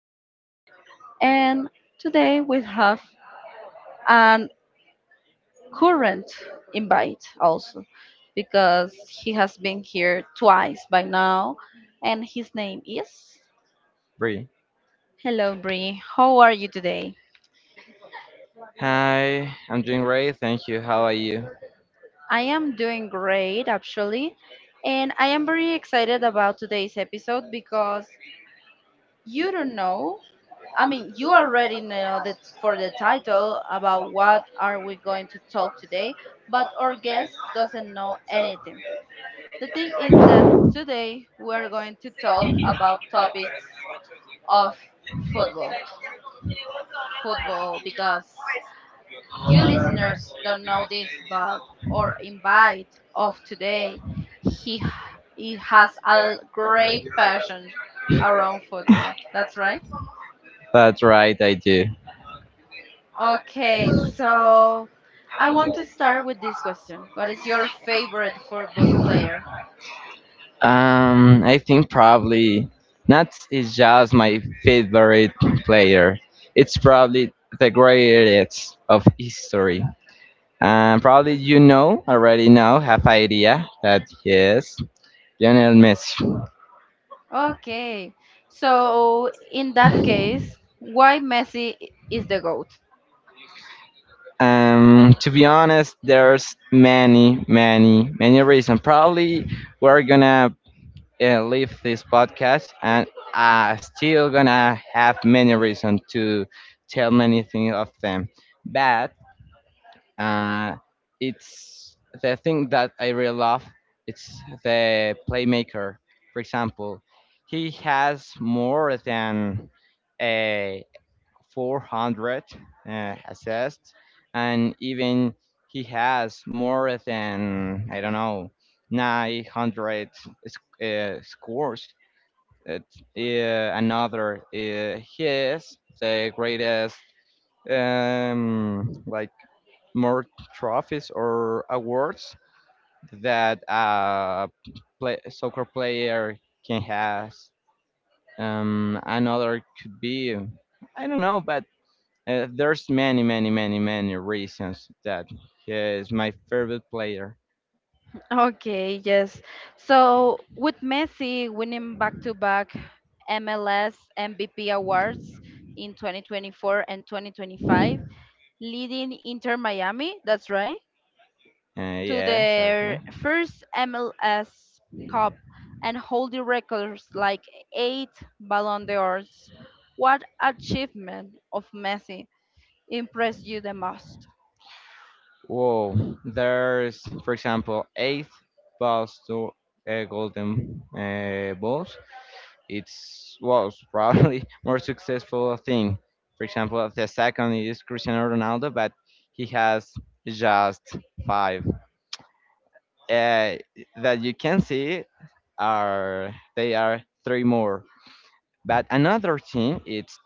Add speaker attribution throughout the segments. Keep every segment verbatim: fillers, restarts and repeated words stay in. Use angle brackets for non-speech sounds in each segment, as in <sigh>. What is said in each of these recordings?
Speaker 1: Revi, and today we have an current invite also because he has been here twice by now, and his name is.
Speaker 2: Bree.
Speaker 1: Hello, Bree. How are you today?
Speaker 2: Hi, I'm doing great, thank you. How are you?
Speaker 1: I am doing great actually, and I am very excited about today's episode because you don't know, I mean, you already know that for the title about what are we going to talk today, but our guest doesn't know anything. The thing is that today we are going to talk about topics of football. Football because you listeners don't know this, but our invite of today, he he has a great passion around football. That's right.
Speaker 2: That's right, I do.
Speaker 1: Okay, so I want to start with this question. What is your favorite football player?
Speaker 2: Um, I think probably Nats is just my favorite player. It's probably the greatest of history. Um, probably you know already now have idea that he is Lionel Messi.
Speaker 1: Okay, so in that case, why Messi i- is the GOAT?
Speaker 2: Um, to be honest, there's many, many, many reasons. Probably we're gonna uh, leave this podcast, and I still gonna have many reasons to tell many things of them. But uh, it's the thing that I really love. It's the playmaker. For example, he has more than a four hundred uh, assists, and even he has more than, I don't know, nine hundred sc- uh, scores it, yeah, another, uh, he is the greatest, um, like more trophies or awards that a play, soccer player can has. Um, another could be, I don't know, but uh, there's many, many, many, many reasons that he is my favorite player.
Speaker 1: Okay, yes. So with Messi winning back-to-back M L S M V P awards in twenty twenty-four and twenty twenty-five, leading Inter Miami, that's right,
Speaker 2: Uh,
Speaker 1: to
Speaker 2: yeah,
Speaker 1: their
Speaker 2: exactly.
Speaker 1: first M L S Cup and holding records like eight Ballon d'Ors. What achievement of Messi impressed you the most?
Speaker 2: Whoa, there's, for example, eight balls to uh, golden uh, balls. It's was probably <laughs> more successful thing. For example, the second is Cristiano Ronaldo, but he has just five. Uh, that you can see are they are three more. But another team, it's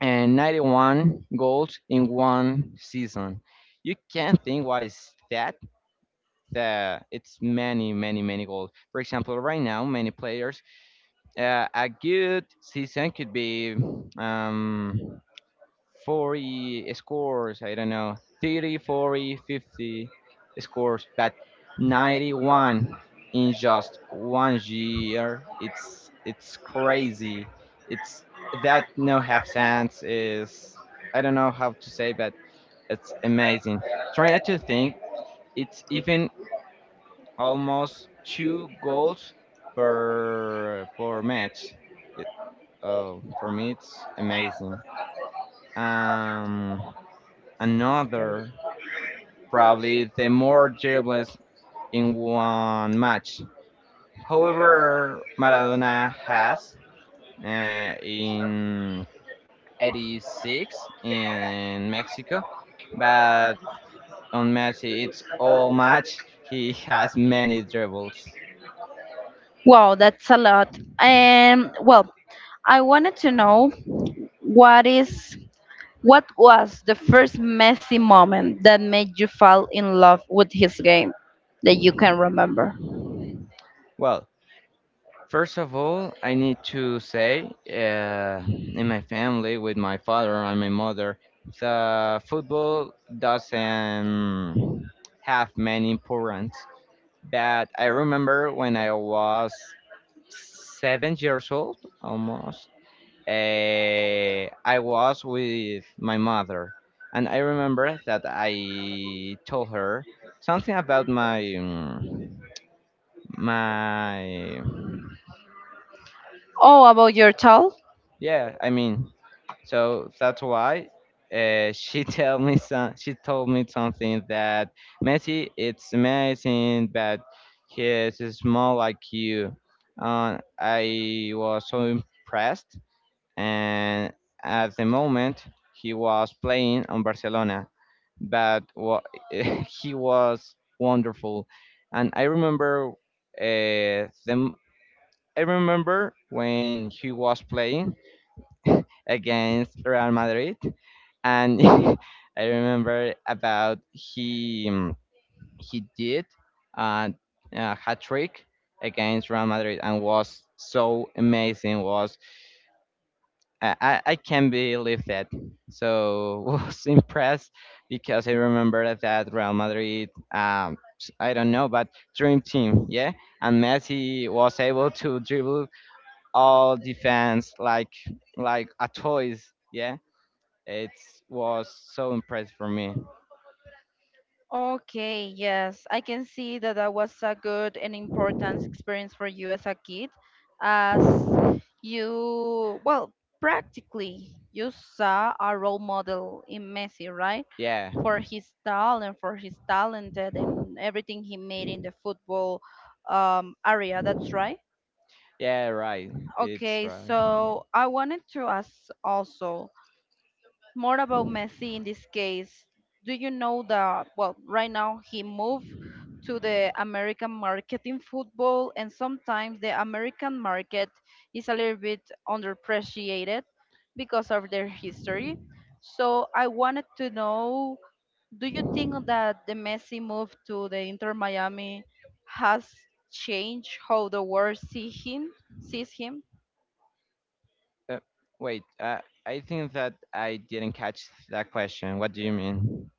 Speaker 2: uh, ninety-one goals in one season. You can think what is that, the it's many many many goals. For example, right now many players uh, a good season could be um forty scores, I don't know, thirty, forty, fifty scores, but ninety-one in just one year, it's it's crazy, it's that no half sense is, I don't know how to say, but it's amazing. Trying to think, it's even almost two goals per per match. It, uh, for me, it's amazing. Um, another probably the more dribbles in one match. However, Maradona has uh, in eighty-six in Mexico, but on Messi, it's all match. He has many dribbles.
Speaker 1: Wow, that's a lot. And well, I wanted to know what is what was the first Messi moment that made you fall in love with his game that you can remember?
Speaker 2: Well, first of all, I need to say, uh, in my family, with my father and my mother, the football doesn't have many importance. But I remember when I was seven years old, almost, uh, I was with my mother. And I remember that I told her something about my, um, my
Speaker 1: Oh, about your tall?
Speaker 2: Yeah, I mean, so that's why uh, she <laughs> tell me some. She told me something that Messi, it's amazing, but he is small like you. Uh, I was so impressed, and at the moment he was playing on Barcelona, but wa- <laughs> he was wonderful, and I remember uh, them. I remember when he was playing <laughs> against Real Madrid, and <laughs> I remember about he um, he did uh, a hat trick against Real Madrid and was so amazing. Was I, I I can't believe that. So <laughs> was impressed because I remember that Real Madrid. Um, I don't know, but dream team, yeah. And Messi was able to dribble all defense like like a toys, yeah. It was so impressive for me.
Speaker 1: Okay, yes, I can see that that was a good and important experience for you as a kid, as you, well, practically you saw a role model in Messi, right?
Speaker 2: Yeah.
Speaker 1: For his talent, for his talented and everything he made in the football um, area, that's right.
Speaker 2: Yeah, right. It's
Speaker 1: Okay,
Speaker 2: right.
Speaker 1: so I wanted to ask also more about Messi in this case. Do you know that, well, right now he moved to the American market in football, and sometimes the American market is a little bit underappreciated because of their history. So I wanted to know, do you think that the Messi move to the Inter Miami has changed how the world see him, sees him?
Speaker 2: Uh, wait, uh, I think that I didn't catch that question. What do you mean?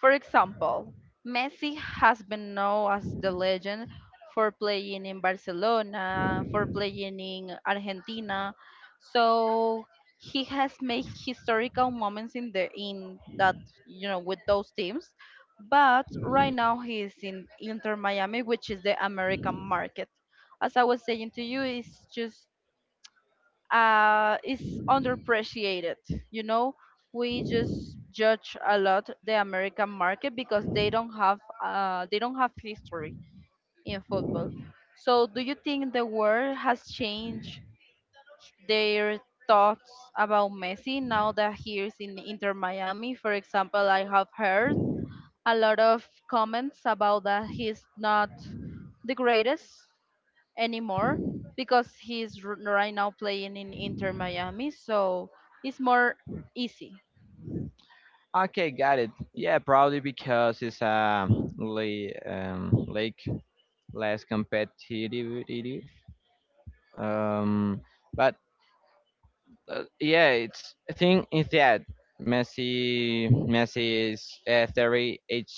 Speaker 1: For example, Messi has been known as the legend for playing in Barcelona, for playing in Argentina. So he has made historical moments in the in that you know with those teams. But right now he is in Inter Miami, which is the American market. As I was saying to you, it's just uh, is underappreciated. You know, we just judge a lot the American market because they don't have uh, they don't have history in football. So, do you think the world has changed their thoughts about Messi now that he is in Inter Miami? For example, I have heard a lot of comments about that he's not the greatest anymore because he's r- right now playing in Inter Miami, so it's more easy.
Speaker 2: Okay, got it. Yeah, probably because it's a lake, um, lake less competitive it is. Um, but uh, yeah, it's I think is that Messi Messi is uh, thirty-eight,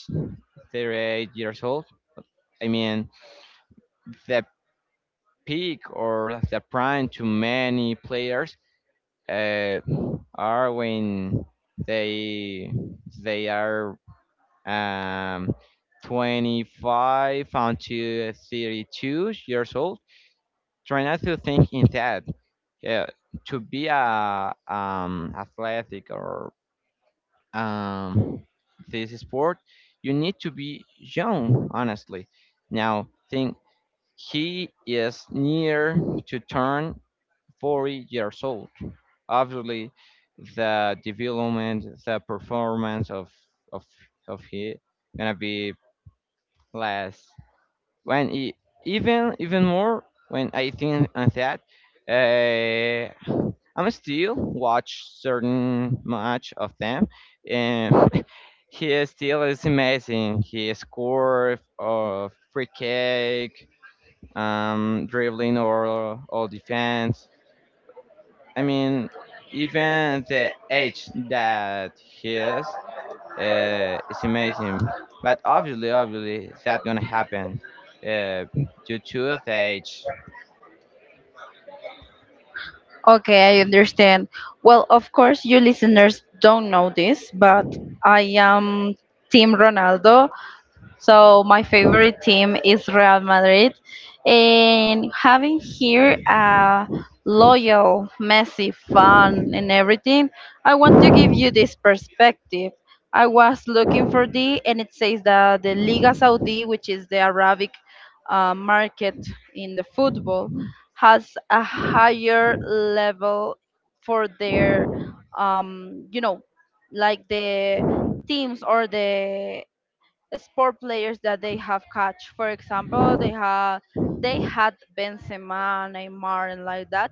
Speaker 2: thirty-eight years old. I mean the peak or the prime to many players uh, are when they they are um, twenty-five until thirty-two years old, try not to think instead. Yeah, to be a um, athletic or um, this sport, you need to be young, honestly. Now think he is near to turn forty years old. Obviously, the development, the performance of of of he gonna be less when e- even even more when I think on that, uh, I'm still watch certain much of them, and <laughs> he still is amazing. He scored of free kick, um, dribbling or all defense. I mean, even the age that he is, uh, it's amazing. But obviously, obviously, it's not gonna happen uh, due to his age.
Speaker 1: Okay, I understand. Well, of course, you listeners don't know this, but I am Team Ronaldo. So my favorite team is Real Madrid, and having here a loyal, messy, fan, and everything, I want to give you this perspective. I was looking for the, and it says that the Liga Saudi, which is the Arabic uh, market in the football, has a higher level for their, um, you know, like the teams or the sport players that they have catch. For example, they have they had Benzema, Neymar, and like that,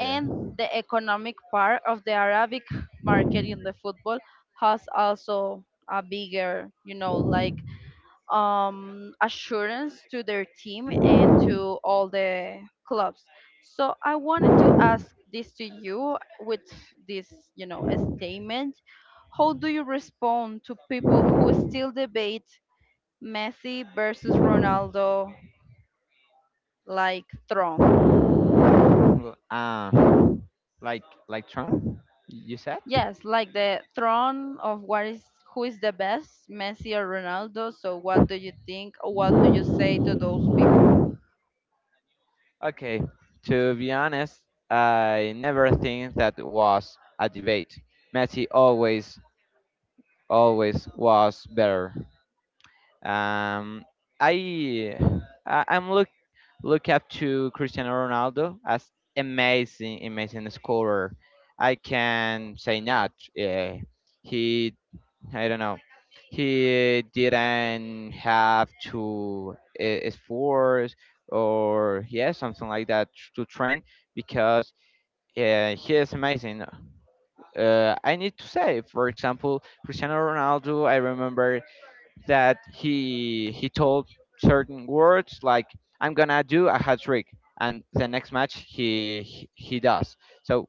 Speaker 2: Yeah.
Speaker 1: the economic part of the Arabic market in the football has also a bigger, you know, like um, assurance to their team and to all the clubs. So I wanted to ask this to you with this, you know, a statement. How do you respond to people who still debate Messi versus Ronaldo like throne.
Speaker 2: Well, Uh, like like Trump, you said?
Speaker 1: Yes, like the throne of what is who is the best, Messi or Ronaldo. So what do you think? What do you say to those?
Speaker 2: Okay. To be honest, I never think that was a debate. Messi always always was better. Um, I I- I'm looking. Look up to Cristiano Ronaldo as amazing, amazing scorer. I can say not. Uh, he, I don't know, he didn't have to uh, force or yeah, something like that to train because uh, he is amazing. Uh, I need to say, for example, Cristiano Ronaldo. I remember that he he told certain words like I'm gonna do a hat trick, and the next match he he, he does. So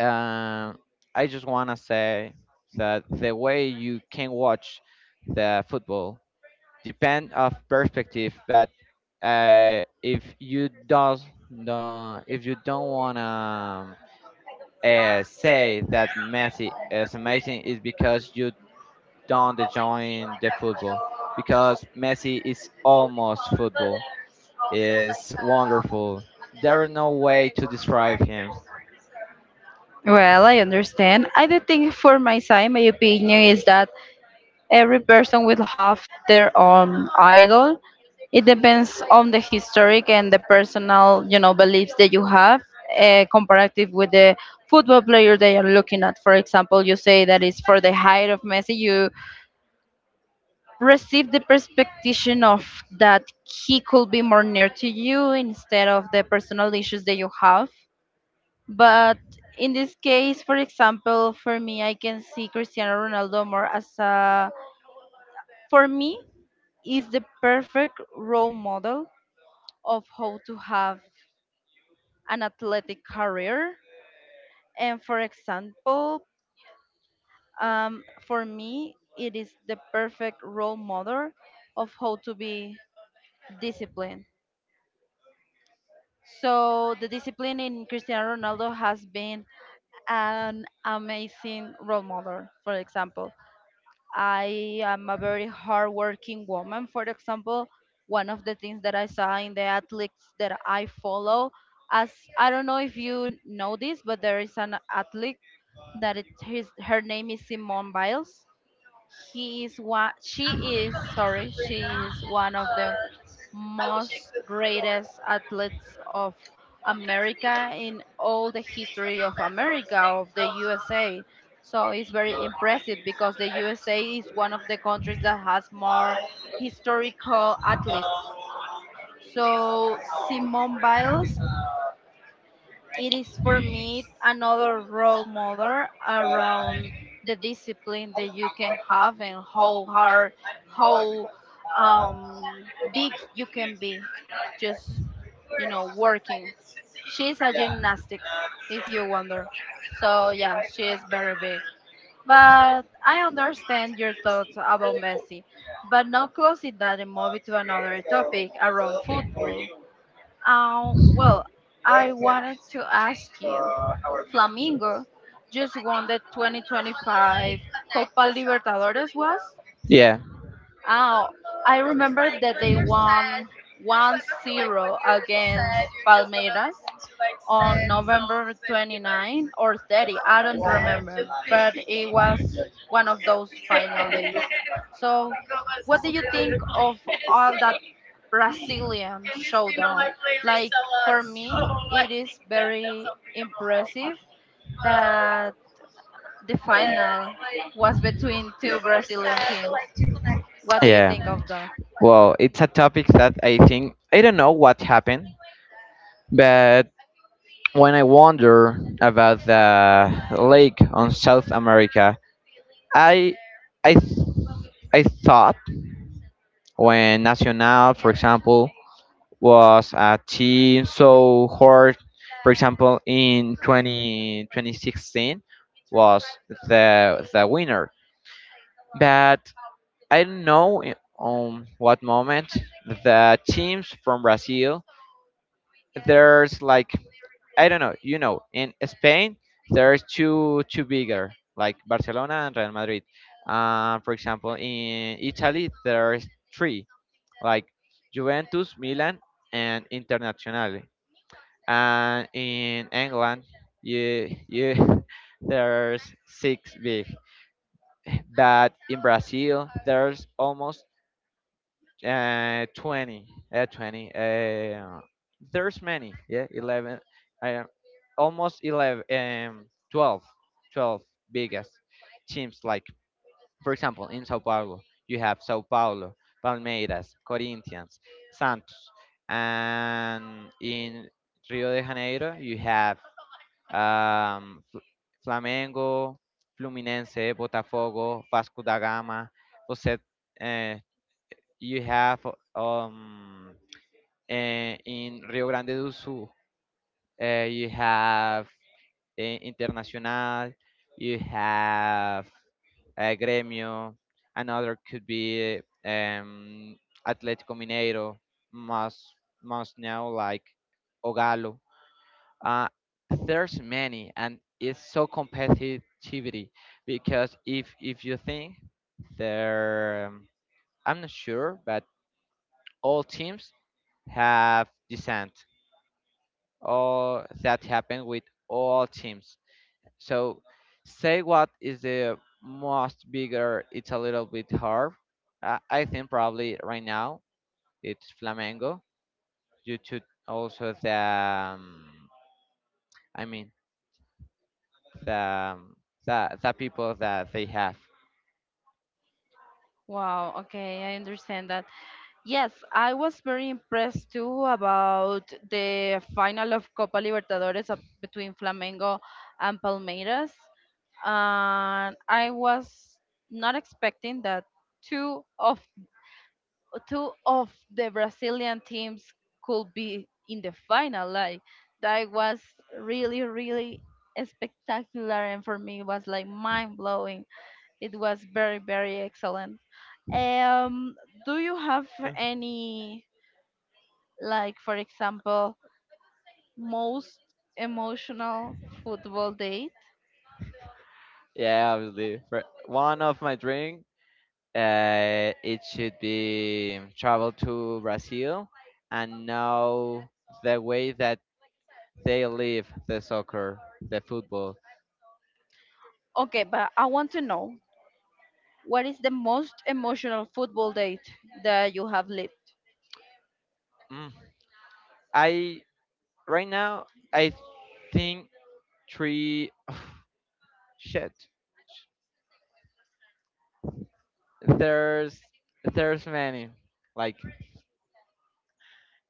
Speaker 2: um, I just wanna say that the way you can watch the football depend of perspective, but uh, if you does no if you don't wanna um, uh, say that Messi is amazing is because you don't join the football because Messi is almost football. Is wonderful. There are no way to describe him.
Speaker 1: Well, I understand. I do think for my side, my opinion is that every person will have their own idol. It depends on the historic and the personal, you know, beliefs that you have, uh, comparative with the football player they are looking at. For example, you say that it's for the height of Messi. You receive the perspective of that he could be more near to you instead of the personal issues that you have. But in this case, for example, for me, I can see Cristiano Ronaldo more as a, for me, is the perfect role model of how to have an athletic career. And for example, um, for me, it is the perfect role model of how to be disciplined. So the discipline in Cristiano Ronaldo has been an amazing role model. For example, I am a very hardworking woman. For example, one of the things that I saw in the athletes that I follow, as I don't know if you know this, but there is an athlete that it, his, her name is Simone Biles. He is one. She is sorry. She is one of the most greatest athletes of America in all the history of America, of the U S A. So it's very impressive because the U S A is one of the countries that has more historical athletes. So Simone Biles it is for me another role model around the discipline that you can have and how hard, how um, big you can be just, you know, working. She's a gymnastic, if you wonder. So, yeah, she is very big. But I understand your thoughts about Messi. But now closing that movie to another topic around football. Uh, well, I wanted to ask you, Flamingo just won the twenty twenty-five Copa Libertadores was?
Speaker 2: Yeah,
Speaker 1: Oh, I remember that they won 1-0 against Palmeiras on November 29 or thirty. I don't remember, but it was one of those final days. So, what do you think of all that Brazilian showdown? Like, for me, it is very impressive that the final was between two Brazilian teams. What do you
Speaker 2: yeah.
Speaker 1: think of that?
Speaker 2: Well, it's a topic that I think I don't know what happened, but when I wonder about the lake on South America, I I th- I thought when Nacional, for example, was a team so hard. For example, in twenty twenty sixteen was the the winner. But I don't know i- on what moment the teams from Brazil. There's, like, I don't know. You know, in Spain there's two two bigger like Barcelona and Real Madrid. Uh, for example, in Italy there's three like Juventus, Milan, and Internazionale. And in England, you you <laughs> there's six big, but in Brazil there's almost uh, twenty, uh, twenty. Uh, there's many, yeah, eleven, uh, almost eleven, um, twelve, twelve biggest teams. Like, for example, in Sao Paulo, you have Sao Paulo, Palmeiras, Corinthians, Santos, and in Rio de Janeiro, you have um, Flamengo, Fluminense, Botafogo, Vasco da Gama. Você eh, you have um, eh, in Rio Grande do Sul, eh, you have eh, Internacional, you have uh, Grêmio. Another could be um, Atlético Mineiro. Most most now like Ogalo. uh, there's many, and it's so competitivity because if if you think there, um, I'm not sure, but all teams have descent. All that happened with all teams, so say what is the most bigger, it's a little bit hard. uh, I think probably right now it's Flamengo, due to also the, um, I mean, the the, the people that they have.
Speaker 1: Wow, okay, I understand that. Yes, I was very impressed too about the final of Copa Libertadores up between Flamengo and Palmeiras. And I was not expecting that two of two of the Brazilian teams could be in the final. Like that was really, really spectacular and for me it was like mind blowing. It was very, very excellent. Um, do you have any, like for example, most emotional football date?
Speaker 2: Yeah, obviously. For one of my dream, uh, it should be travel to Brazil and know the way that they live the soccer, the football.
Speaker 1: Okay, but I want to know what is the most emotional football date that you have lived?
Speaker 2: Mm. I right now I think three <sighs> shit. There's there's many, like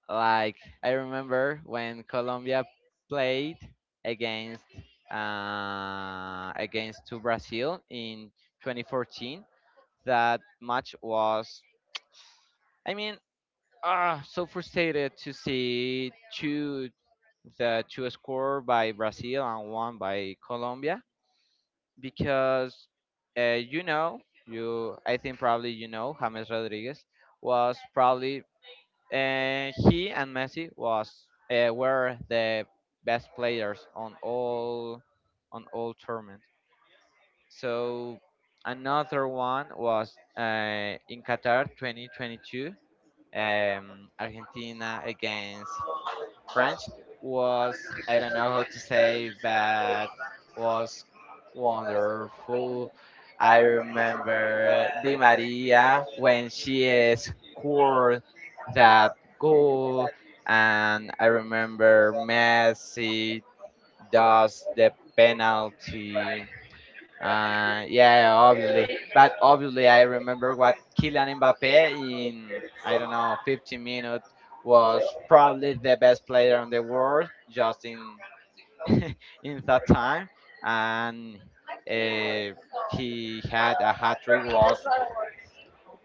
Speaker 2: Like I remember when Colombia played against uh, against to Brazil in twenty fourteen. That match was, I mean, ah, so frustrated to see two the two score by Brazil and one by Colombia, because uh, you know, you I think probably, you know, James Rodriguez was probably, and he and Messi was uh, were the best players on all on all tournament. So another one was uh, in Qatar twenty twenty-two, um, Argentina against French was, I don't know how to say, but was wonderful. I remember Di Maria when she scored that goal, and I remember Messi does the penalty. Uh, yeah, obviously. But obviously, I remember what Kylian Mbappe in, I don't know, fifteen minutes was probably the best player in the world just in <laughs> in that time, and uh, he had a hat trick, was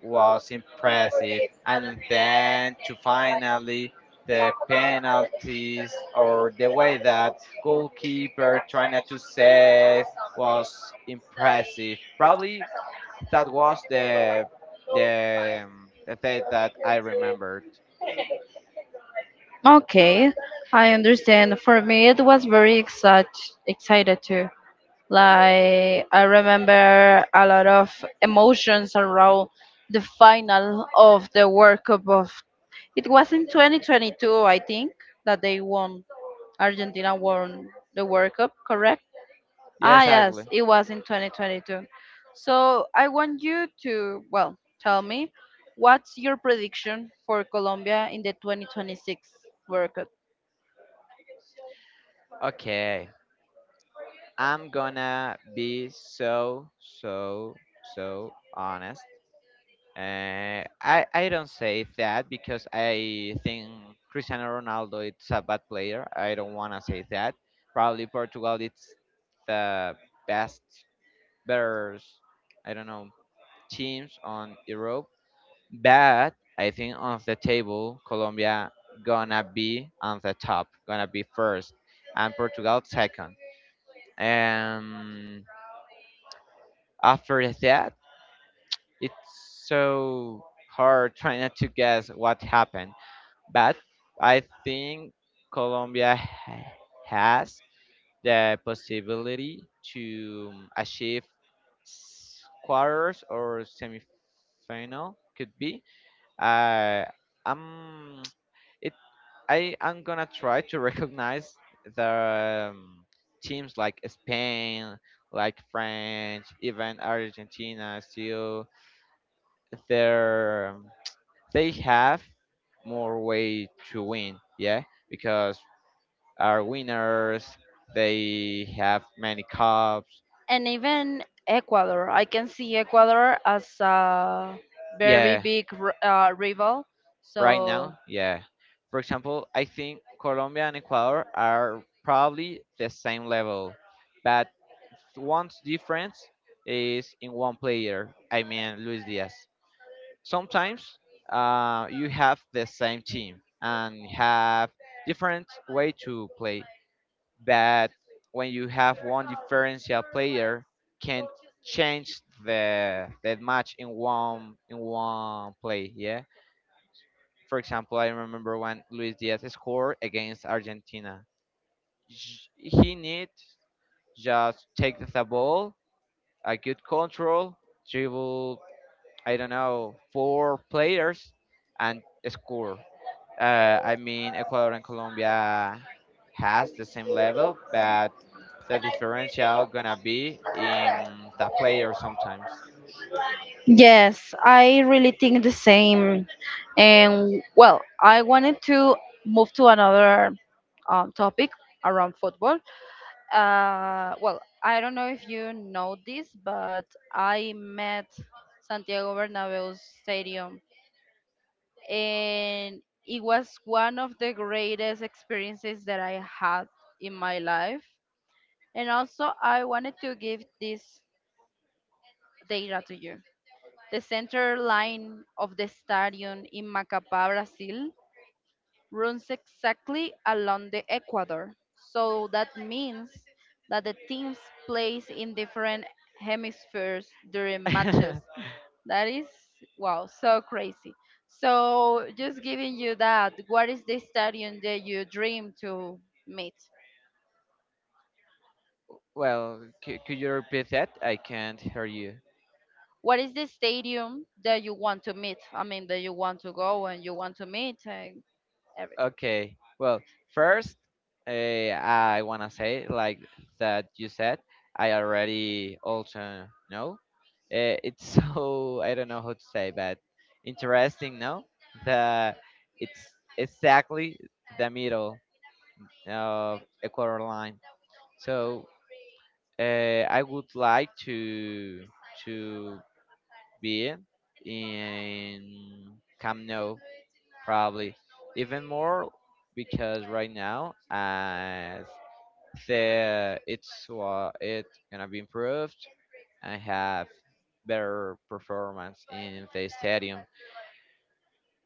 Speaker 2: was impressive. And then to finally the penalties or the way that goalkeeper trying not to save was impressive. Probably that was the the um, the date that I remembered.
Speaker 1: Okay, I understand. For me it was very excite, excited too. Like, I remember a lot of emotions around the final of the World Cup of, it was in twenty twenty-two, I think, that they won. Argentina won the World Cup. Correct.
Speaker 2: Yeah,
Speaker 1: Ah, yes,
Speaker 2: exactly.
Speaker 1: it was in twenty twenty-two. So I want you to, well, tell me, what's your prediction for Colombia in the twenty twenty-six World Cup?
Speaker 2: Okay. I'm gonna be so so so honest. Uh, I I don't say that because I think Cristiano Ronaldo is a bad player. I don't wanna say that. Probably Portugal it's the best, better. I don't know teams on Europe, but I think on the table Colombia gonna be on the top, gonna be first, and Portugal second. And after that, it's so hard trying not to guess what happened, but I think Colombia ha- has the possibility to achieve s- quarters or semifinal could be, uh, I'm it I am gonna try to <laughs> recognize the, um, teams like Spain, like France, even Argentina. Still, they're um, they have more way to win, yeah, because our winners they have many cups,
Speaker 1: And even Ecuador. I can see Ecuador as a very
Speaker 2: yeah.
Speaker 1: big r- uh, rival.
Speaker 2: Right
Speaker 1: So,
Speaker 2: now, yeah. For example, I think Colombia and Ecuador are probably the same level, but one difference is in one player. I mean, Luis Diaz. Sometimes uh, you have the same team and have different way to play, but when you have one differential player, can change the that match in one in one play. Yeah, for example, I remember when Luis Diaz scored against Argentina. J- He need just take the ball, a good control, dribble, I don't know, four players, and score. Uh, I mean, Ecuador and Colombia has the same level, but the differential gonna be in the player sometimes.
Speaker 1: yes, I really think the same. And, well, I wanted to move to another um, topic around football. Uh, well, I don't know if you know this, but I met Santiago Bernabeu Stadium, and it was one of the greatest experiences that I had in my life. And also, I wanted to give this data to you. The center line of the stadium in Macapá, Brazil, runs exactly along the equator. So that means that the teams plays in different hemispheres during
Speaker 2: Different hemispheres.
Speaker 1: matches. That is wow, so crazy. So just giving you that, what is the stadium that you dream to meet?
Speaker 2: <laughs> Well, c- could you repeat that? I can't hear you.
Speaker 1: What is the stadium that you want to meet? I mean, that you want to go and you want to meet and everything.
Speaker 2: Okay. Well, first, uh, I wanna say like that you said. I already also know. Uh, it's so <laughs> I don't know how to say, but interesting. No, the it's exactly the middle of equator line. So uh, I would like to to be in Camp Nou, probably even more because right now as the it's uh, it's gonna be improved and have better performance in the stadium.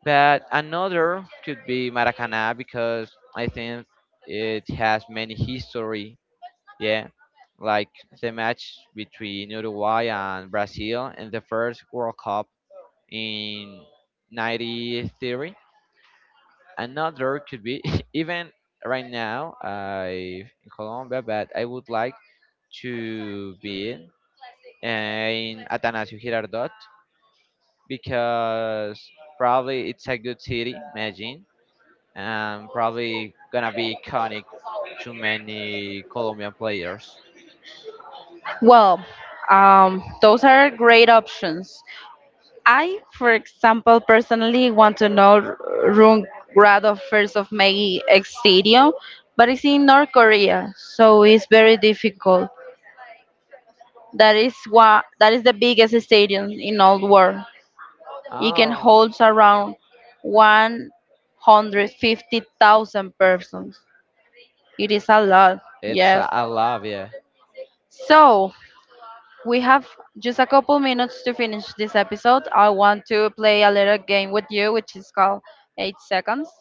Speaker 2: But another could be Maracana because I think it has many history. Yeah, like the match between Uruguay and Brazil in the first World Cup in ninety theory. Another could be <laughs> even right now I in Colombia, but I would like to be in Atanasio Girardot because probably it's a good city, imagine, and probably gonna be iconic to many Colombian players.
Speaker 1: Well, um, those are great options. I, for example, personally want to know Rungrado First of May Stadium, but it's in North Korea, so it's very difficult. That is why that is the biggest stadium in all world. It can
Speaker 2: Oh,
Speaker 1: hold around one hundred fifty thousand persons. It is a lot,
Speaker 2: it's
Speaker 1: yes.
Speaker 2: a, a love, yeah.
Speaker 1: So, we have just a couple minutes to finish this episode. I want to play a little game with you, which is called eight Seconds.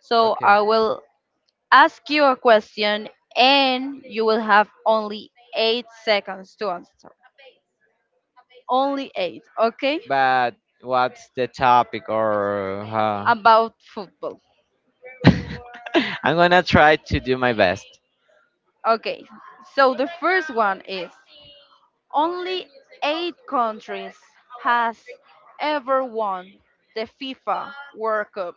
Speaker 1: So I will ask you a question and you will have only eight seconds to answer. Only eight, okay? About football.
Speaker 2: <laughs> I'm gonna try.
Speaker 1: Okay, so the first one is only eight countries has ever won the FIFA World Cup.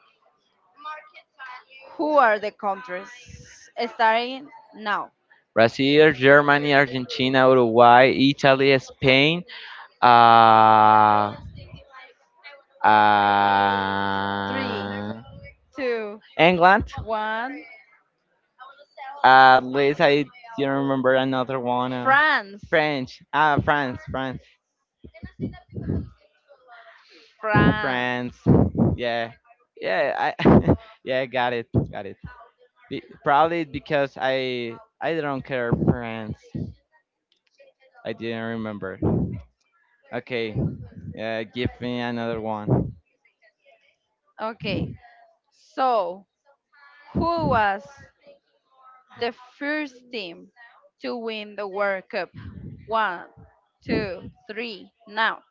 Speaker 1: Who are the countries? Starting now.
Speaker 2: Brazil, Uruguay, Italy,
Speaker 1: Three, two, one.
Speaker 2: at least I do remember another one. Uh,
Speaker 1: France.
Speaker 2: French. Ah, France, France,
Speaker 1: France.
Speaker 2: France. Yeah, yeah. I <laughs> yeah, got it, got it. Be- probably because I I don't care France. I didn't remember. Okay. Yeah, give me another one.
Speaker 1: Okay. So, who was the first team to win the World Cup? One, two, three. Now.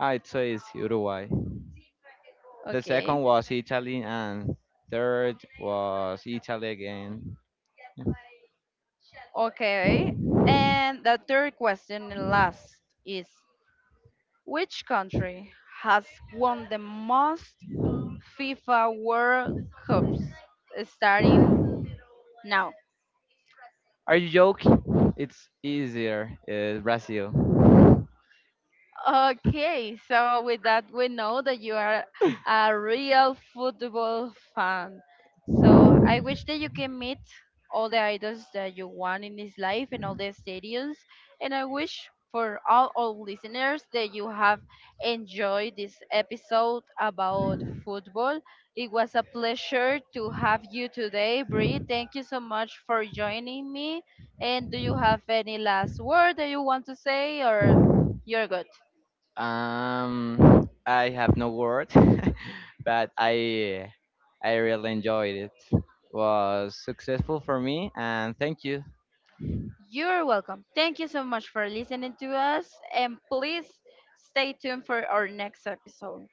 Speaker 2: I'd say it's Uruguay. The
Speaker 1: Okay.
Speaker 2: second was Italy, and third was Italy again. Yeah.
Speaker 1: Okay. And the third question and last is which country has won the most FIFA World Cups starting now.
Speaker 2: Are you joking? It's easier, uh, Brazil.
Speaker 1: Okay, so with that, we know that you are a real football fan. So I wish that you can meet all the idols that you want in this life and all the stadiums. And I wish for all our listeners that you have enjoyed this episode about football. It was a pleasure to have you today, Bree. Thank you so much for joining me. And do you have any last word that you want to say, or you're good?
Speaker 2: Um, I have no word, <laughs> but I I really enjoyed it. Was successful for me, and thank you.
Speaker 1: You're welcome. Thank you so much for listening to us, and please stay tuned for our next episode.